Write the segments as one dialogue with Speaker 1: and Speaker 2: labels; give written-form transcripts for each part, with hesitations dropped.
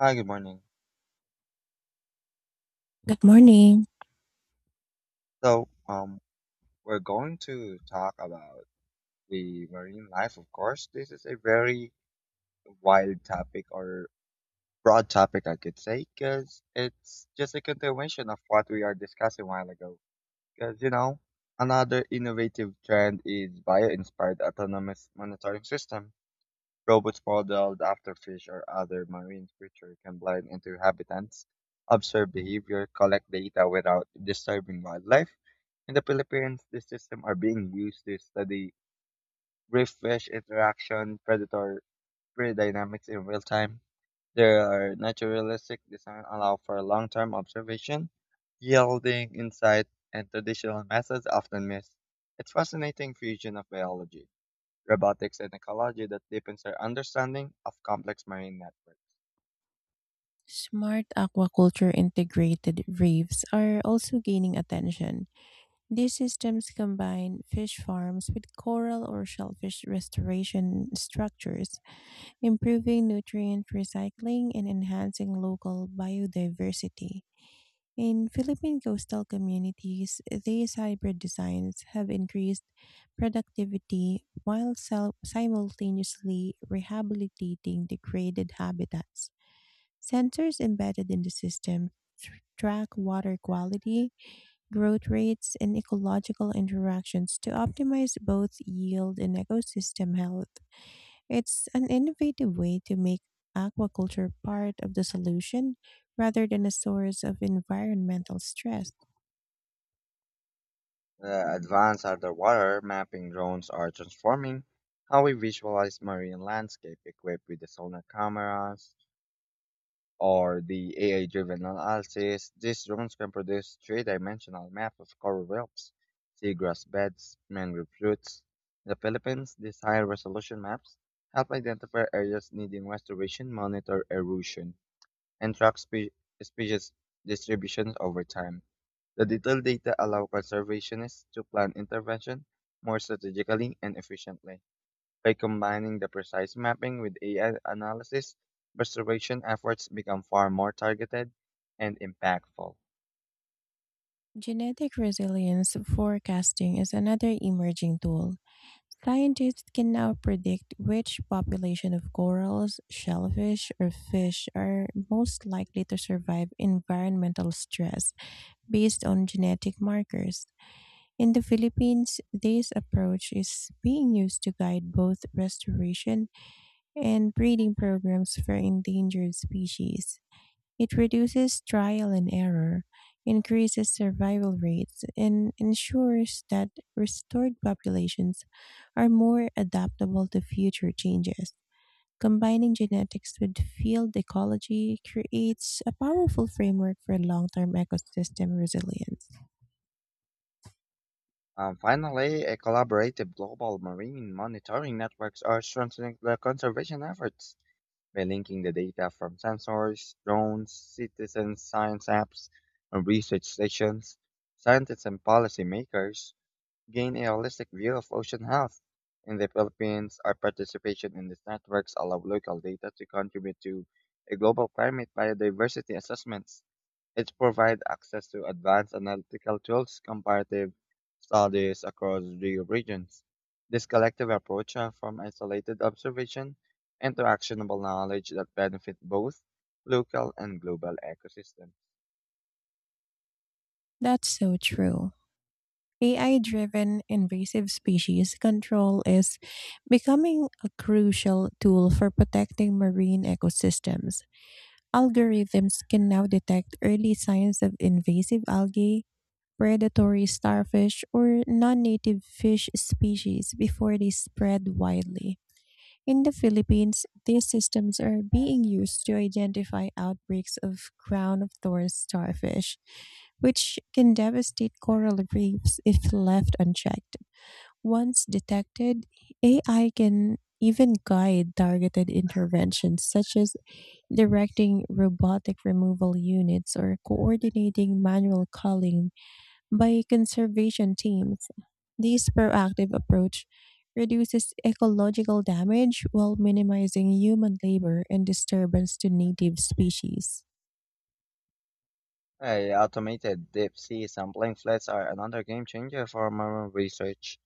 Speaker 1: Hi, good morning.
Speaker 2: Good morning.
Speaker 1: So, um, we're going to talk about the marine life, of course. This is a very wild topic or broad topic, I could say, because it's just a continuation of what we are discussing a while ago. Because, you know, another innovative trend is bio-inspired autonomous monitoring system. Robots modeled after fish or other marine creatures can blend into habitats, observe behavior, collect data without disturbing wildlife. In the Philippines, these systems are being used to study reef fish interaction, predator prey dynamics in real time. Their naturalistic design allow for long-term observation, yielding insight and traditional methods often miss. It's fascinating fusion of biology robotics and ecology that deepens our understanding of complex marine networks.
Speaker 2: Smart aquaculture integrated reefs are also gaining attention. These systems combine fish farms with coral or shellfish restoration structures, improving nutrient recycling and enhancing local biodiversity. In Philippine coastal communities, these hybrid designs have increased productivity while simultaneously rehabilitating degraded habitats. Sensors embedded in the system track water quality, growth rates, and ecological interactions to optimize both yield and ecosystem health. It's an innovative way to make aquaculture part of the solution rather than a source of environmental stress.
Speaker 1: The advanced underwater mapping drones are transforming how we visualize marine landscape equipped with the sonar cameras or the AI-driven analysis. These drones can produce three-dimensional maps of coral reefs, seagrass beds, mangrove roots. In the Philippines, these high-resolution maps help identify areas needing restoration, monitor erosion, and track species distributions over time. The detailed data allow conservationists to plan intervention more strategically and efficiently. By combining the precise mapping with AI analysis, restoration efforts become far more targeted and impactful.
Speaker 2: Genetic resilience forecasting is another emerging tool. Scientists can now predict which population of corals, shellfish, or fish are most likely to survive environmental stress based on genetic markers. In the Philippines, this approach is being used to guide both restoration and breeding programs for endangered species. It reduces trial and error, increases survival rates, and ensures that restored populations are more adaptable to future changes. Combining genetics with field ecology creates a powerful framework for long term ecosystem resilience.
Speaker 1: Finally, a collaborative global marine monitoring networks are strengthening the conservation efforts by linking the data from sensors, drones, citizen science apps, and research stations. Scientists and policymakers gain a holistic view of ocean health. In the Philippines, our participation in these networks allow local data to contribute to a global climate biodiversity assessment. It provides access to advanced analytical tools, comparative studies across the regions. This collective approach from isolated observation into actionable knowledge that benefit both local and global ecosystems.
Speaker 2: That's so true. AI driven invasive species control is becoming a crucial tool for protecting marine ecosystems. Algorithms can now detect early signs of invasive algae, predatory starfish, or non native fish species before they spread widely. In the Philippines, these systems are being used to identify outbreaks of crown of thorns starfish, which can devastate coral reefs if left unchecked. Once detected, AI can even guide targeted interventions such as directing robotic removal units or coordinating manual culling by conservation teams. This proactive approach reduces ecological damage while minimizing human labor and disturbance to native species.
Speaker 1: Hey, automated deep sea sampling floods are another game changer for marine research.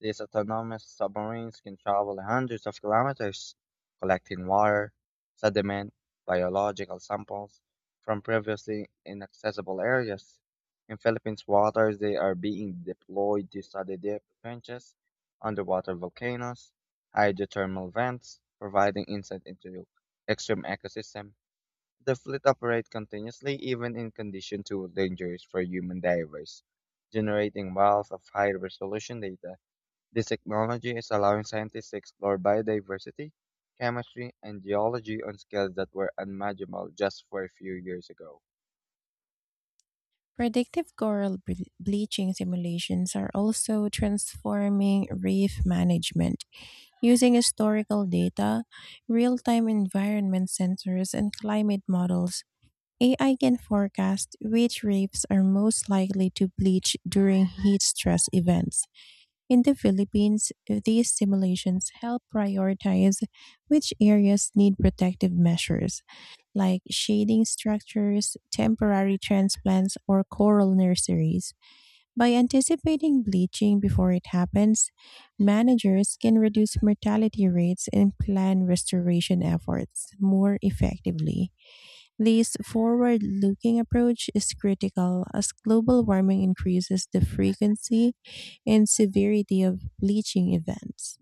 Speaker 1: These autonomous submarines can travel hundreds of kilometers, collecting water, sediment, biological samples from previously inaccessible areas. In Philippines waters, they are being deployed to study deep trenches, underwater volcanoes, hydrothermal vents, providing insight into extreme ecosystem. The fleet operates continuously even in conditions too dangerous for human divers, generating wealth of high resolution data. This technology is allowing scientists to explore biodiversity, chemistry, and geology on scales that were unimaginable just for a few years ago.
Speaker 2: Predictive coral bleaching simulations are also transforming reef management using historical data, real time environment sensors, and climate models. AI can forecast which reefs are most likely to bleach during heat stress events. In the Philippines, these simulations help prioritize which areas need protective measures, like shading structures, temporary transplants, or coral nurseries. By anticipating bleaching before it happens, managers can reduce mortality rates and plan restoration efforts more effectively. This forward looking approach is critical as global warming increases the frequency and severity of bleaching events.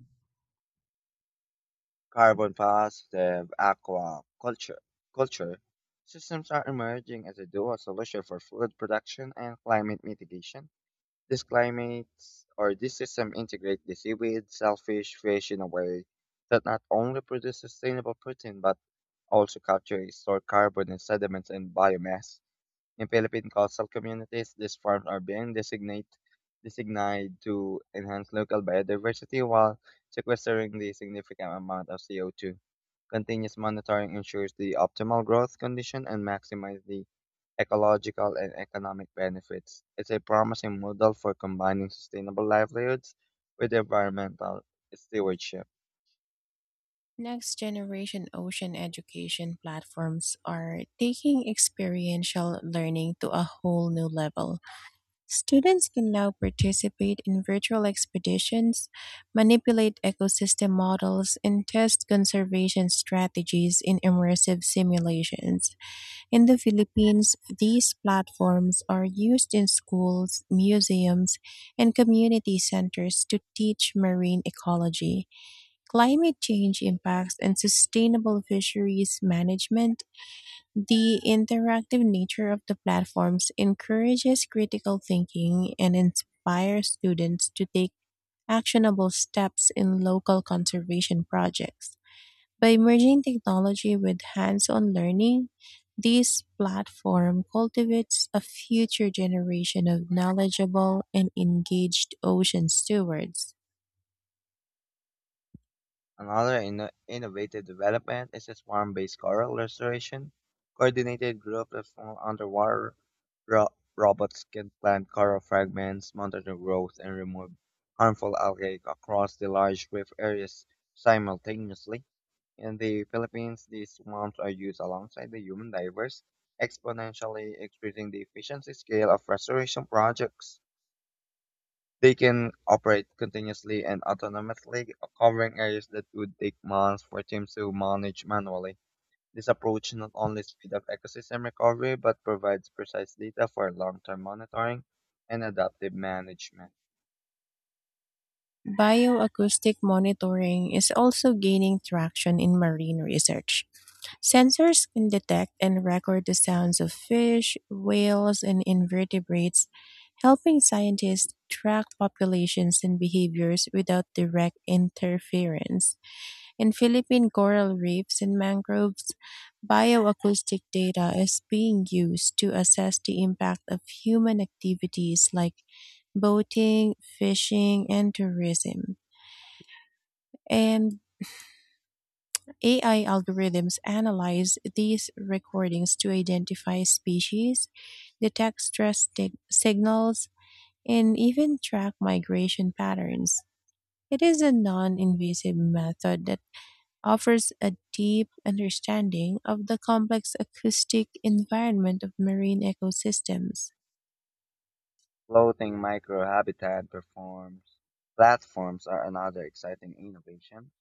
Speaker 1: Carbon positive aquaculture culture systems are emerging as a dual solution for food production and climate mitigation. These climates or this system integrate the seaweed, shellfish, fish in a way that not only produce sustainable protein but also capture and store carbon in sediments and biomass. In Philippine coastal communities, these farms are being designated to enhance local biodiversity while sequestering the significant amount of CO2. Continuous monitoring ensures the optimal growth condition and maximizes the ecological and economic benefits. It's a promising model for combining sustainable livelihoods with environmental stewardship.
Speaker 2: Next generation ocean education platforms are taking experiential learning to a whole new level. Students can now participate in virtual expeditions, manipulate ecosystem models, and test conservation strategies in immersive simulations. In the Philippines, these platforms are used in schools, museums, and community centers to teach marine ecology, climate change impacts, and sustainable fisheries management. The interactive nature of the platforms encourages critical thinking and inspires students to take actionable steps in local conservation projects. By merging technology with hands on learning, this platform cultivates a future generation of knowledgeable and engaged ocean stewards.
Speaker 1: Another innovative development is a swarm-based coral restoration. Coordinated groups of small underwater robots can plant coral fragments, monitor growth, and remove harmful algae across the large reef areas simultaneously. In the Philippines, these swarms are used alongside the human divers, exponentially increasing the efficiency scale of restoration projects. They can operate continuously and autonomously, covering areas that would take months for teams to manage manually. This approach not only speeds up ecosystem recovery but provides precise data for long-term monitoring and adaptive management.
Speaker 2: Bioacoustic monitoring is also gaining traction in marine research. Sensors can detect and record the sounds of fish, whales, and invertebrates, helping scientists track populations and behaviors without direct interference. In Philippine coral reefs and mangroves, bioacoustic data is being used to assess the impact of human activities like boating, fishing, and tourism. And AI algorithms analyze these recordings to identify species, detect stress signals, and even track migration patterns. It is a non invasive method that offers a deep understanding of the complex acoustic environment of marine ecosystems.
Speaker 1: Floating microhabitat platforms are another exciting innovation.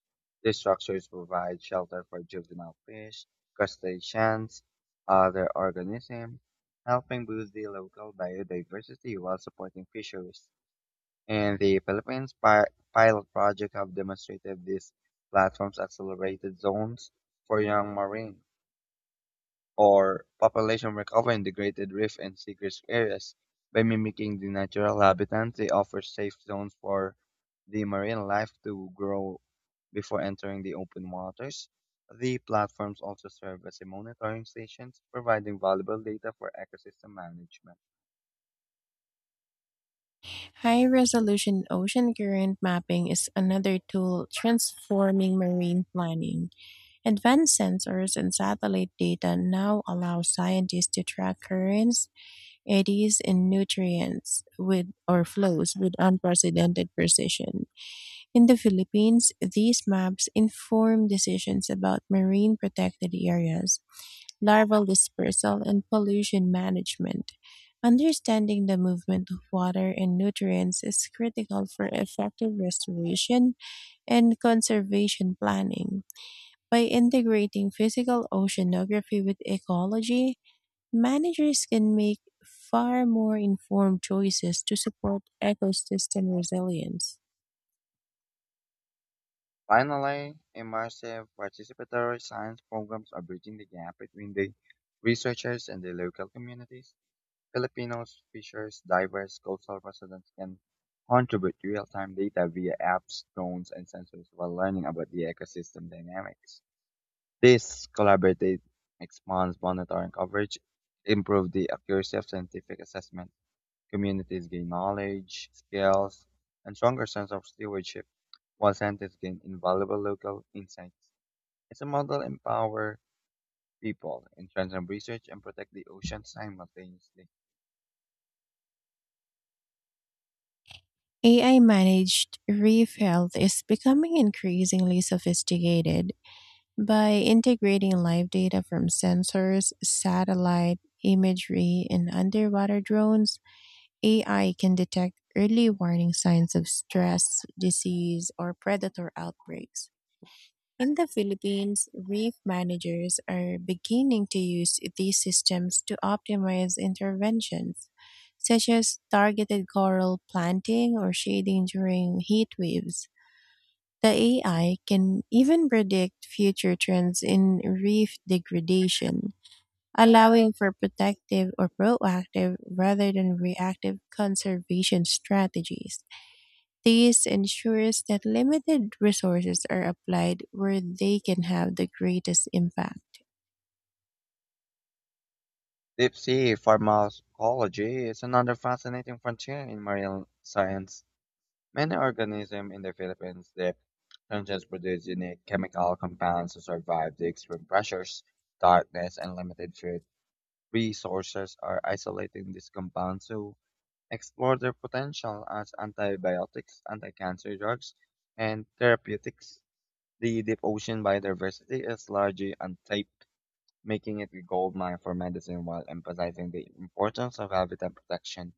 Speaker 1: These structures provide shelter for juvenile fish, crustaceans, other organisms, helping boost the local biodiversity while supporting fisheries. In the Philippines, pilot projects have demonstrated these platforms accelerated zones for young marine or population recover in degraded reef and seagrass areas. By mimicking the natural habitat, they offer safe zones for the marine life to grow before entering the open waters. The platforms also serve as a monitoring stations, providing valuable data for ecosystem management.
Speaker 2: High resolution ocean current mapping is another tool transforming marine planning. Advanced sensors and satellite data now allow scientists to track currents, eddies, and nutrients with or flows with unprecedented precision. In the Philippines, these maps inform decisions about marine protected areas, larval dispersal, and pollution management. Understanding the movement of water and nutrients is critical for effective restoration and conservation planning. By integrating physical oceanography with ecology, managers can make far more informed choices to support ecosystem resilience.
Speaker 1: Finally, immersive participatory science programs are bridging the gap between the researchers and the local communities. Filipinos features diverse coastal residents can contribute real-time data via apps, drones, and sensors while learning about the ecosystem dynamics. This collaborative expands monitoring coverage, improves the accuracy of scientific assessment, communities gain knowledge, skills, and stronger sense of stewardship, while scientists gain invaluable local insights. It's a model empower people, in terms of research, and protect the ocean simultaneously.
Speaker 2: AI managed reef health is becoming increasingly sophisticated. By integrating live data from sensors, satellite imagery, and underwater drones, AI can detect early warning signs of stress, disease, or predator outbreaks. In the Philippines, reef managers are beginning to use these systems to optimize interventions, such as targeted coral planting or shading during heat waves. The AI can even predict future trends in reef degradation, allowing for protective or proactive rather than reactive conservation strategies. This ensures that limited resources are applied where they can have the greatest impact.
Speaker 1: Deep sea pharmacology is another fascinating frontier in marine science. Many organisms in the Philippines' deep trenches produce unique chemical compounds to survive the extreme pressures, darkness, and limited food resources are isolating these compounds to explore their potential as antibiotics, anti-cancer drugs, and therapeutics. The deep ocean biodiversity is largely untapped, making it a gold mine for medicine while emphasizing the importance of habitat protection.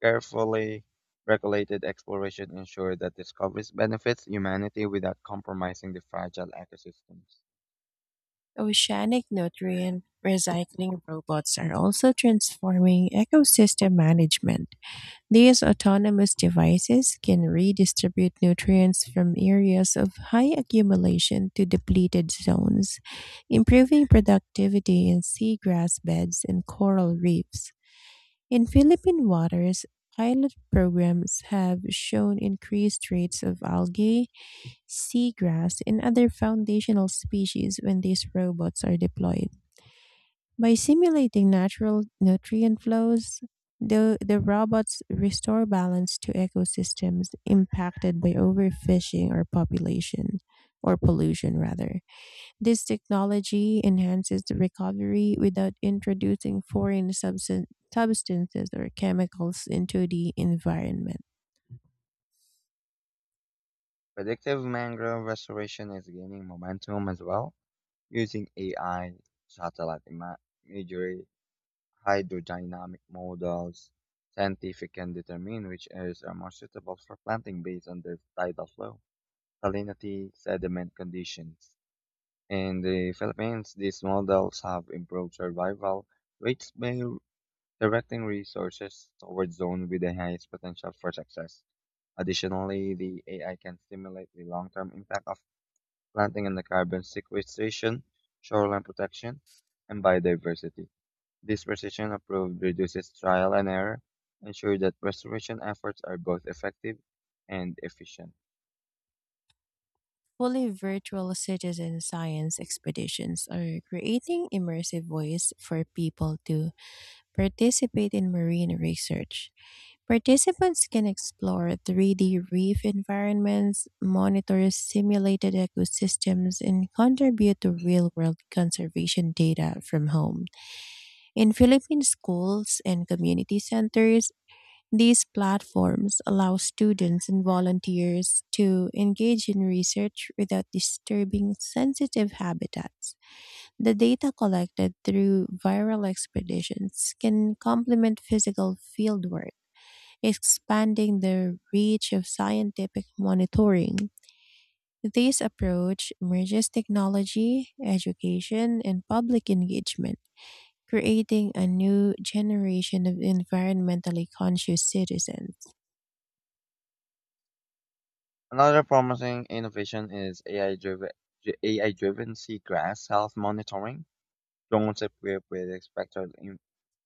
Speaker 1: Carefully regulated exploration ensures that discoveries benefits humanity without compromising the fragile ecosystems.
Speaker 2: Oceanic nutrient recycling robots are also transforming ecosystem management. These autonomous devices can redistribute nutrients from areas of high accumulation to depleted zones, improving productivity in seagrass beds and coral reefs. In Philippine waters, pilot programs have shown increased rates of algae, seagrass, and other foundational species when these robots are deployed. By simulating natural nutrient flows, the robots restore balance to ecosystems impacted by overfishing or population or pollution rather. This technology enhances the recovery without introducing foreign substances or chemicals into the environment.
Speaker 1: Predictive mangrove restoration is gaining momentum as well, using AI, satellite imagery, hydrodynamic models. Scientific can determine which areas are more suitable for planting based on their tidal flow, salinity, sediment conditions. In the Philippines, these models have improved survival rates by directing resources towards zones with the highest potential for success. Additionally, the AI can stimulate the long-term impact of planting and the carbon sequestration, shoreline protection, and biodiversity. This precision approach reduces trial and error, ensure that restoration efforts are both effective and efficient.
Speaker 2: Fully virtual citizen science expeditions are creating immersive ways for people to participate in marine research. Participants can explore 3D reef environments, monitor simulated ecosystems, and contribute to real world conservation data from home. In Philippine schools and community centers, these platforms allow students and volunteers to engage in research without disturbing sensitive habitats. The data collected through viral expeditions can complement physical fieldwork, expanding the reach of scientific monitoring. This approach merges technology, education, and public engagement, creating a new generation of environmentally conscious citizens.
Speaker 1: Another promising innovation is AI-driven seagrass health monitoring. Drones equipped with a spectral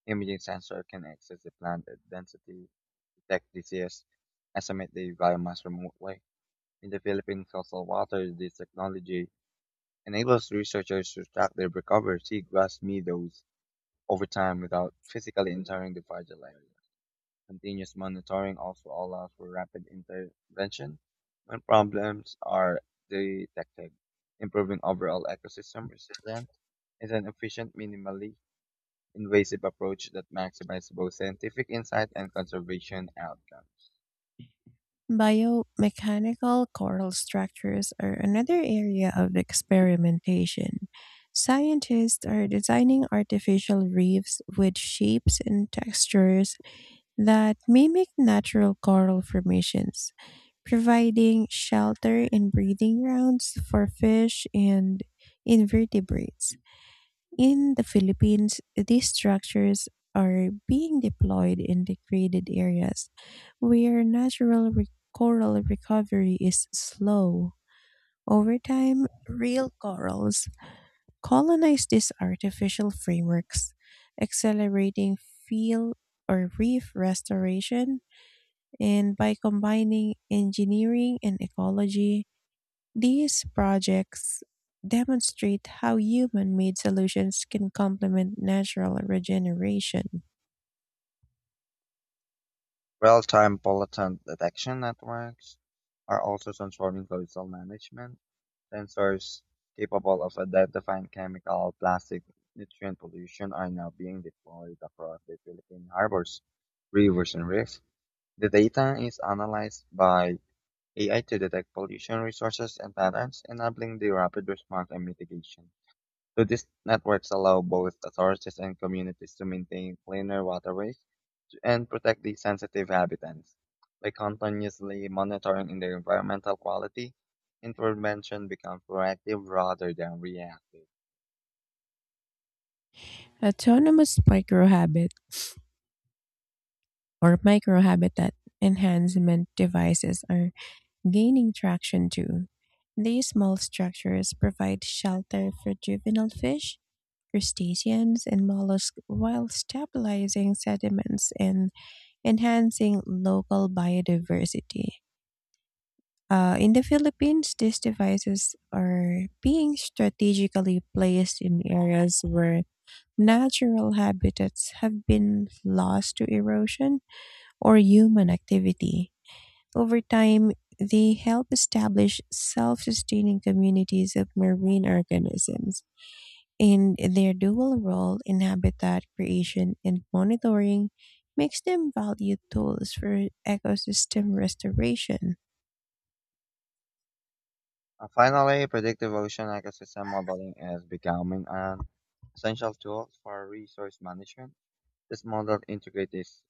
Speaker 1: imaging sensor can access the plant density, detect disease, estimate the biomass remotely. In the Philippine coastal waters, this technology enables researchers to track the recovered seagrass meadows over time without physically entering the fragile area. Continuous monitoring also allows for rapid intervention when problems are detected. Improving overall ecosystem resilience is an efficient, minimally invasive approach that maximizes both scientific insight and conservation outcomes.
Speaker 2: Biomechanical coral structures are another area of experimentation. Scientists are designing artificial reefs with shapes and textures that mimic natural coral formations, providing shelter and breeding grounds for fish and invertebrates. In the Philippines, these structures are being deployed in degraded areas where natural coral recovery is slow. Over time, real corals colonize these artificial frameworks, accelerating field or reef restoration. And by combining engineering and ecology, these projects demonstrate how human made solutions can complement natural regeneration.
Speaker 1: Real-time bulletin detection networks are also transforming coastal management. Sensors capable of identifying chemical, plastic, nutrient pollution are now being deployed across the Philippine harbors, rivers, and reefs. The data is analyzed by AI to detect pollution resources and patterns, enabling the rapid response and mitigation. So these networks allow both authorities and communities to maintain cleaner waterways and protect these sensitive habitats by continuously monitoring in their environmental quality. Intervention becomes proactive rather than reactive.
Speaker 2: Autonomous microhabitat enhancement devices are gaining traction too. These small structures provide shelter for juvenile fish, crustaceans, and mollusks while stabilizing sediments and enhancing local biodiversity. In the Philippines, these devices are being strategically placed in areas where natural habitats have been lost to erosion or human activity. Over time, they help establish self sustaining communities of marine organisms, and their dual role in habitat creation and monitoring makes them valued tools for ecosystem restoration.
Speaker 1: And finally, predictive ocean ecosystem modeling is becoming an essential tool for resource management. This model integrates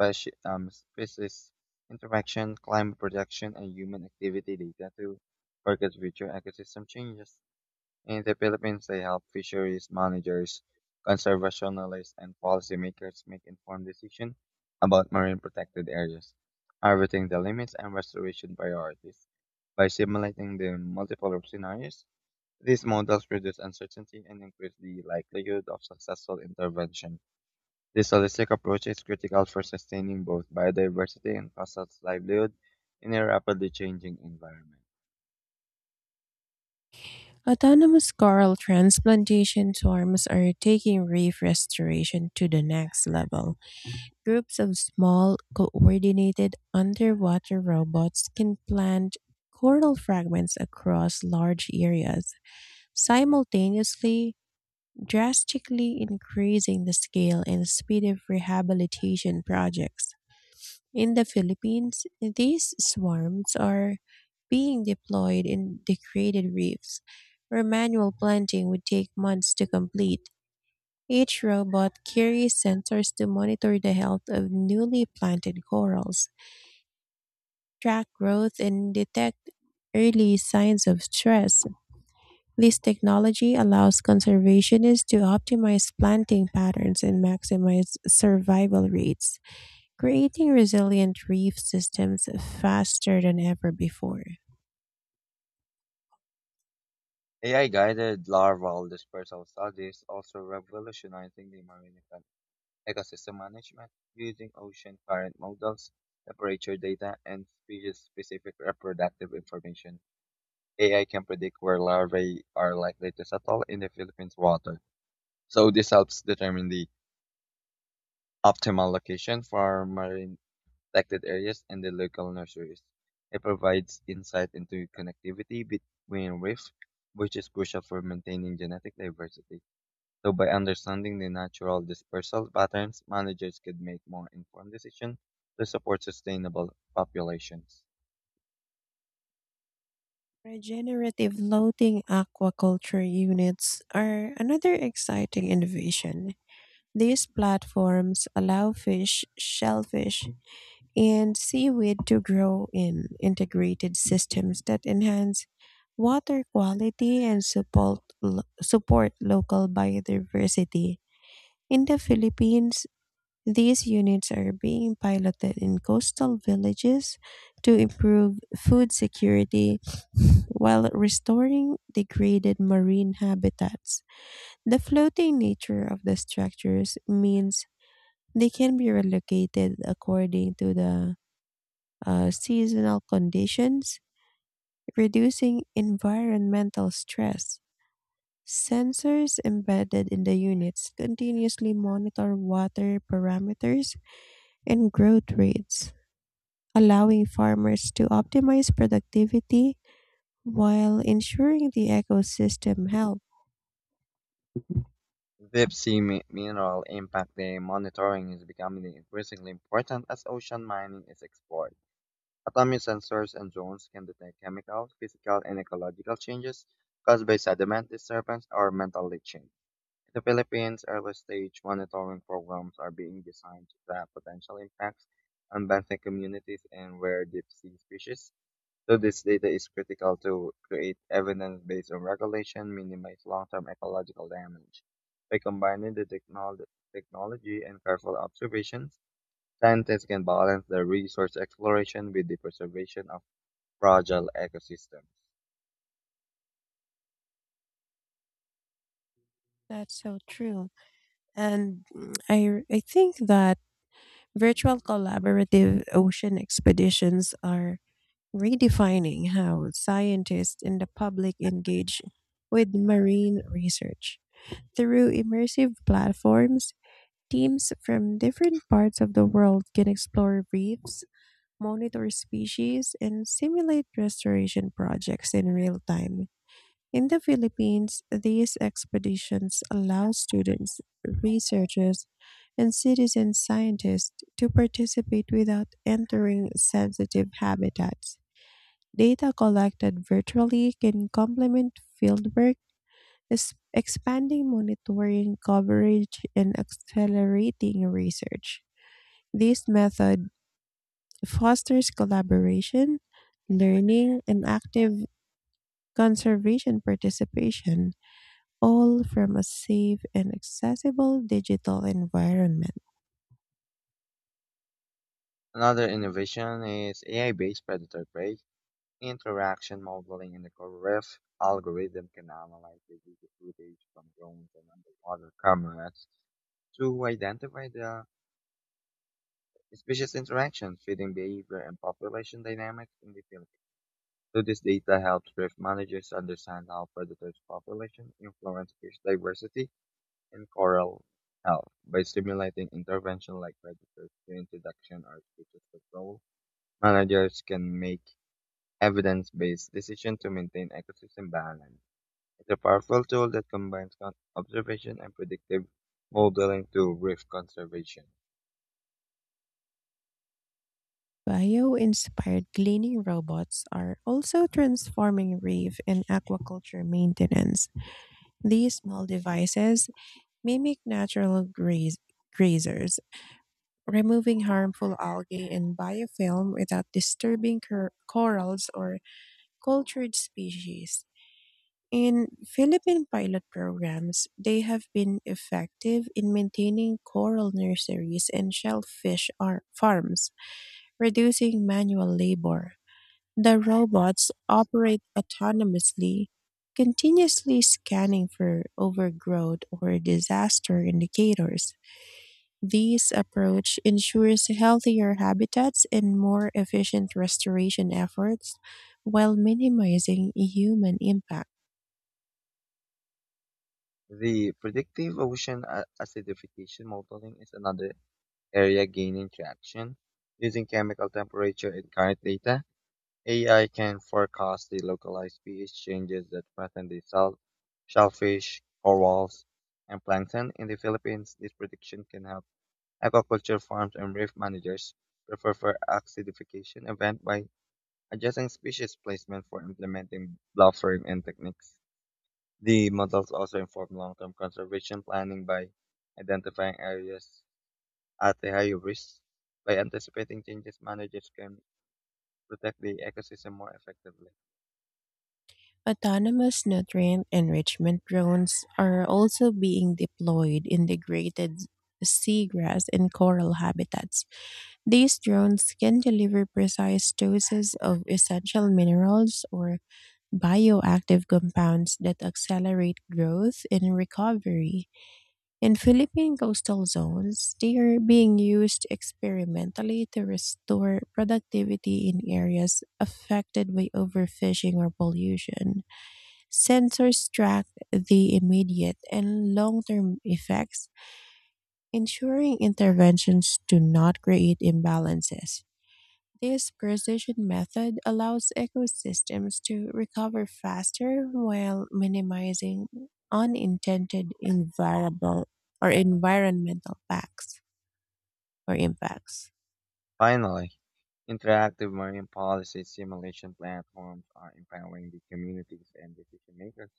Speaker 1: species interaction, climate protection, and human activity data to forecast future ecosystem changes. In the Philippines, they help fisheries managers, conservationists, and policymakers make informed decisions about marine protected areas, harvesting the limits and restoration priorities. By simulating the multiple scenarios, these models reduce uncertainty and increase the likelihood of successful intervention. This holistic approach is critical for sustaining both biodiversity and coastal livelihood in a rapidly changing environment.
Speaker 2: Autonomous coral transplantation swarms are taking reef restoration to the next level. Groups of small, coordinated underwater robots can plant coral fragments across large areas, simultaneously drastically increasing the scale and speed of rehabilitation projects. In the Philippines, these swarms are being deployed in degraded reefs, where manual planting would take months to complete. Each robot carries sensors to monitor the health of newly planted corals, track growth, and detect early signs of stress. This technology allows conservationists to optimize planting patterns and maximize survival rates creating resilient reef systems faster than ever before.
Speaker 1: AI-guided larval dispersal studies also revolutionizing the marine ecosystem management using ocean current models, temperature data, and species-specific reproductive information. AI can predict where larvae are likely to settle in the Philippines water. So this helps determine the optimal location for marine protected areas and the local nurseries. It provides insight into connectivity between reef, which is crucial for maintaining genetic diversity. So by understanding the natural dispersal patterns, managers could make more informed decisions to support sustainable populations.
Speaker 2: Regenerative floating aquaculture units are another exciting innovation. These platforms allow fish, shellfish, and seaweed to grow in integrated systems that enhance water quality and support local biodiversity. In the Philippines, these units are being piloted in coastal villages to improve food security while restoring degraded marine habitats. The floating nature of the structures means they can be relocated according to the seasonal conditions, reducing environmental stress. Sensors embedded in the units continuously monitor water parameters and growth rates, allowing farmers to optimize productivity while ensuring the ecosystem health.
Speaker 1: Deep sea mineral impact day monitoring is becoming increasingly important as ocean mining is explored. Atomic sensors and drones can detect chemical, physical, and ecological changes caused by sediment disturbance or metal leaching. In the Philippines, early-stage monitoring programs are being designed to track potential impacts on benthic communities and rare deep-sea species, so this data is critical to create evidence based on regulation, minimize long-term ecological damage. By combining the technology and careful observations, scientists can balance the resource exploration with the preservation of fragile ecosystems.
Speaker 2: That's so true. And mm, I, r- I think that virtual collaborative ocean expeditions are redefining how scientists and the public engage with marine research. Through immersive platforms, teams from different parts of the world can explore reefs, monitor species, and simulate restoration projects in real time. In the Philippines, these expeditions allow students, researchers, and citizen scientists to participate without entering sensitive habitats. Data collected virtually can complement fieldwork, expanding monitoring coverage and accelerating research. This method fosters collaboration, learning, and active conservation participation, all from a safe and accessible digital environment.
Speaker 1: Another innovation is AI-based predator prey interaction modeling in the Coryph algorithm can analyze the video footage from drones and underwater cameras to identify the species interaction, feeding behavior, and population dynamics in the field. So this data helps reef managers understand how predators' population influence fish diversity and coral health by stimulating intervention like predator reintroduction or species control. Managers can make evidence-based decisions to maintain ecosystem balance. It's a powerful tool that combines observation and predictive modeling to reef conservation.
Speaker 2: Bio inspired cleaning robots are also transforming reef and aquaculture maintenance. These small devices mimic natural grazers, removing harmful algae and biofilm without disturbing corals or cultured species. In Philippine pilot programs, they have been effective in maintaining coral nurseries and shellfish farms, reducing manual labor. The robots operate autonomously, continuously scanning for overgrowth or disaster indicators. This approach ensures healthier habitats and more efficient restoration efforts while minimizing human impact.
Speaker 1: The predictive ocean acidification modeling is another area gaining traction. Using chemical temperature and current data, AI can forecast the localized pH changes that threaten the salt, shellfish, corals, and plankton. In the Philippines, this prediction can help aquaculture farms and reef managers prepare for acidification event by adjusting species placement for implementing blossoming and techniques. The models also inform long-term conservation planning by identifying areas at a higher risk. By anticipating changes, managers can protect the ecosystem more effectively.
Speaker 2: Autonomous nutrient enrichment drones are also being deployed in degraded seagrass and coral habitats. These drones can deliver precise doses of essential minerals or bioactive compounds that accelerate growth and recovery. In Philippine coastal zones, they are being used experimentally to restore productivity in areas affected by overfishing or pollution. Sensors track the immediate and long term effects, ensuring interventions do not create imbalances. This precision method allows ecosystems to recover faster while minimizing unintended environmental facts or impacts.
Speaker 1: Finally, interactive marine policy simulation platforms are empowering the communities and decision makers.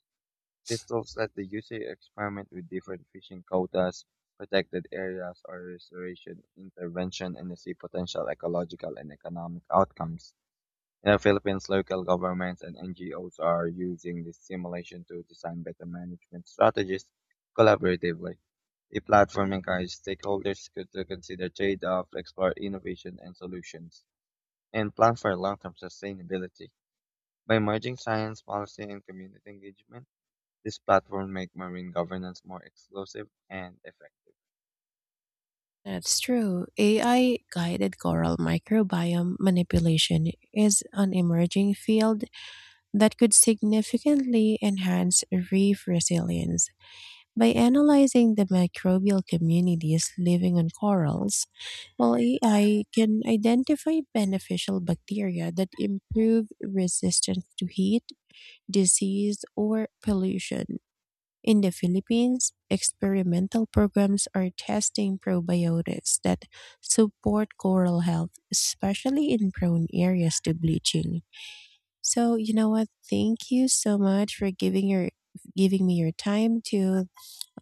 Speaker 1: This looks at the user experiment with different fishing quotas, protected areas or restoration intervention and see potential ecological and economic outcomes. In the Philippines, local governments and NGOs are using this simulation to design better management strategies collaboratively. The platform encourages to consider trade-offs, explore innovation and solutions, and plan for long-term sustainability. By merging science, policy, and community engagement, this platform make marine governance more exclusive and effective.
Speaker 2: That's true. AI guided coral microbiome manipulation is an emerging field that could significantly enhance reef resilience. By analyzing the microbial communities living on corals, while AI can identify beneficial bacteria that improve resistance to heat, disease, or pollution. In the Philippines, experimental programs are testing probiotics that support coral health, especially in prone areas to bleaching. So, you know what? Thank you so much for giving me your time to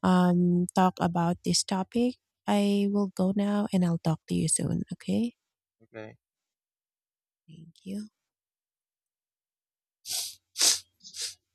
Speaker 2: talk about this topic. I will go now and I'll talk to you soon, okay?
Speaker 1: Okay.
Speaker 2: Thank you.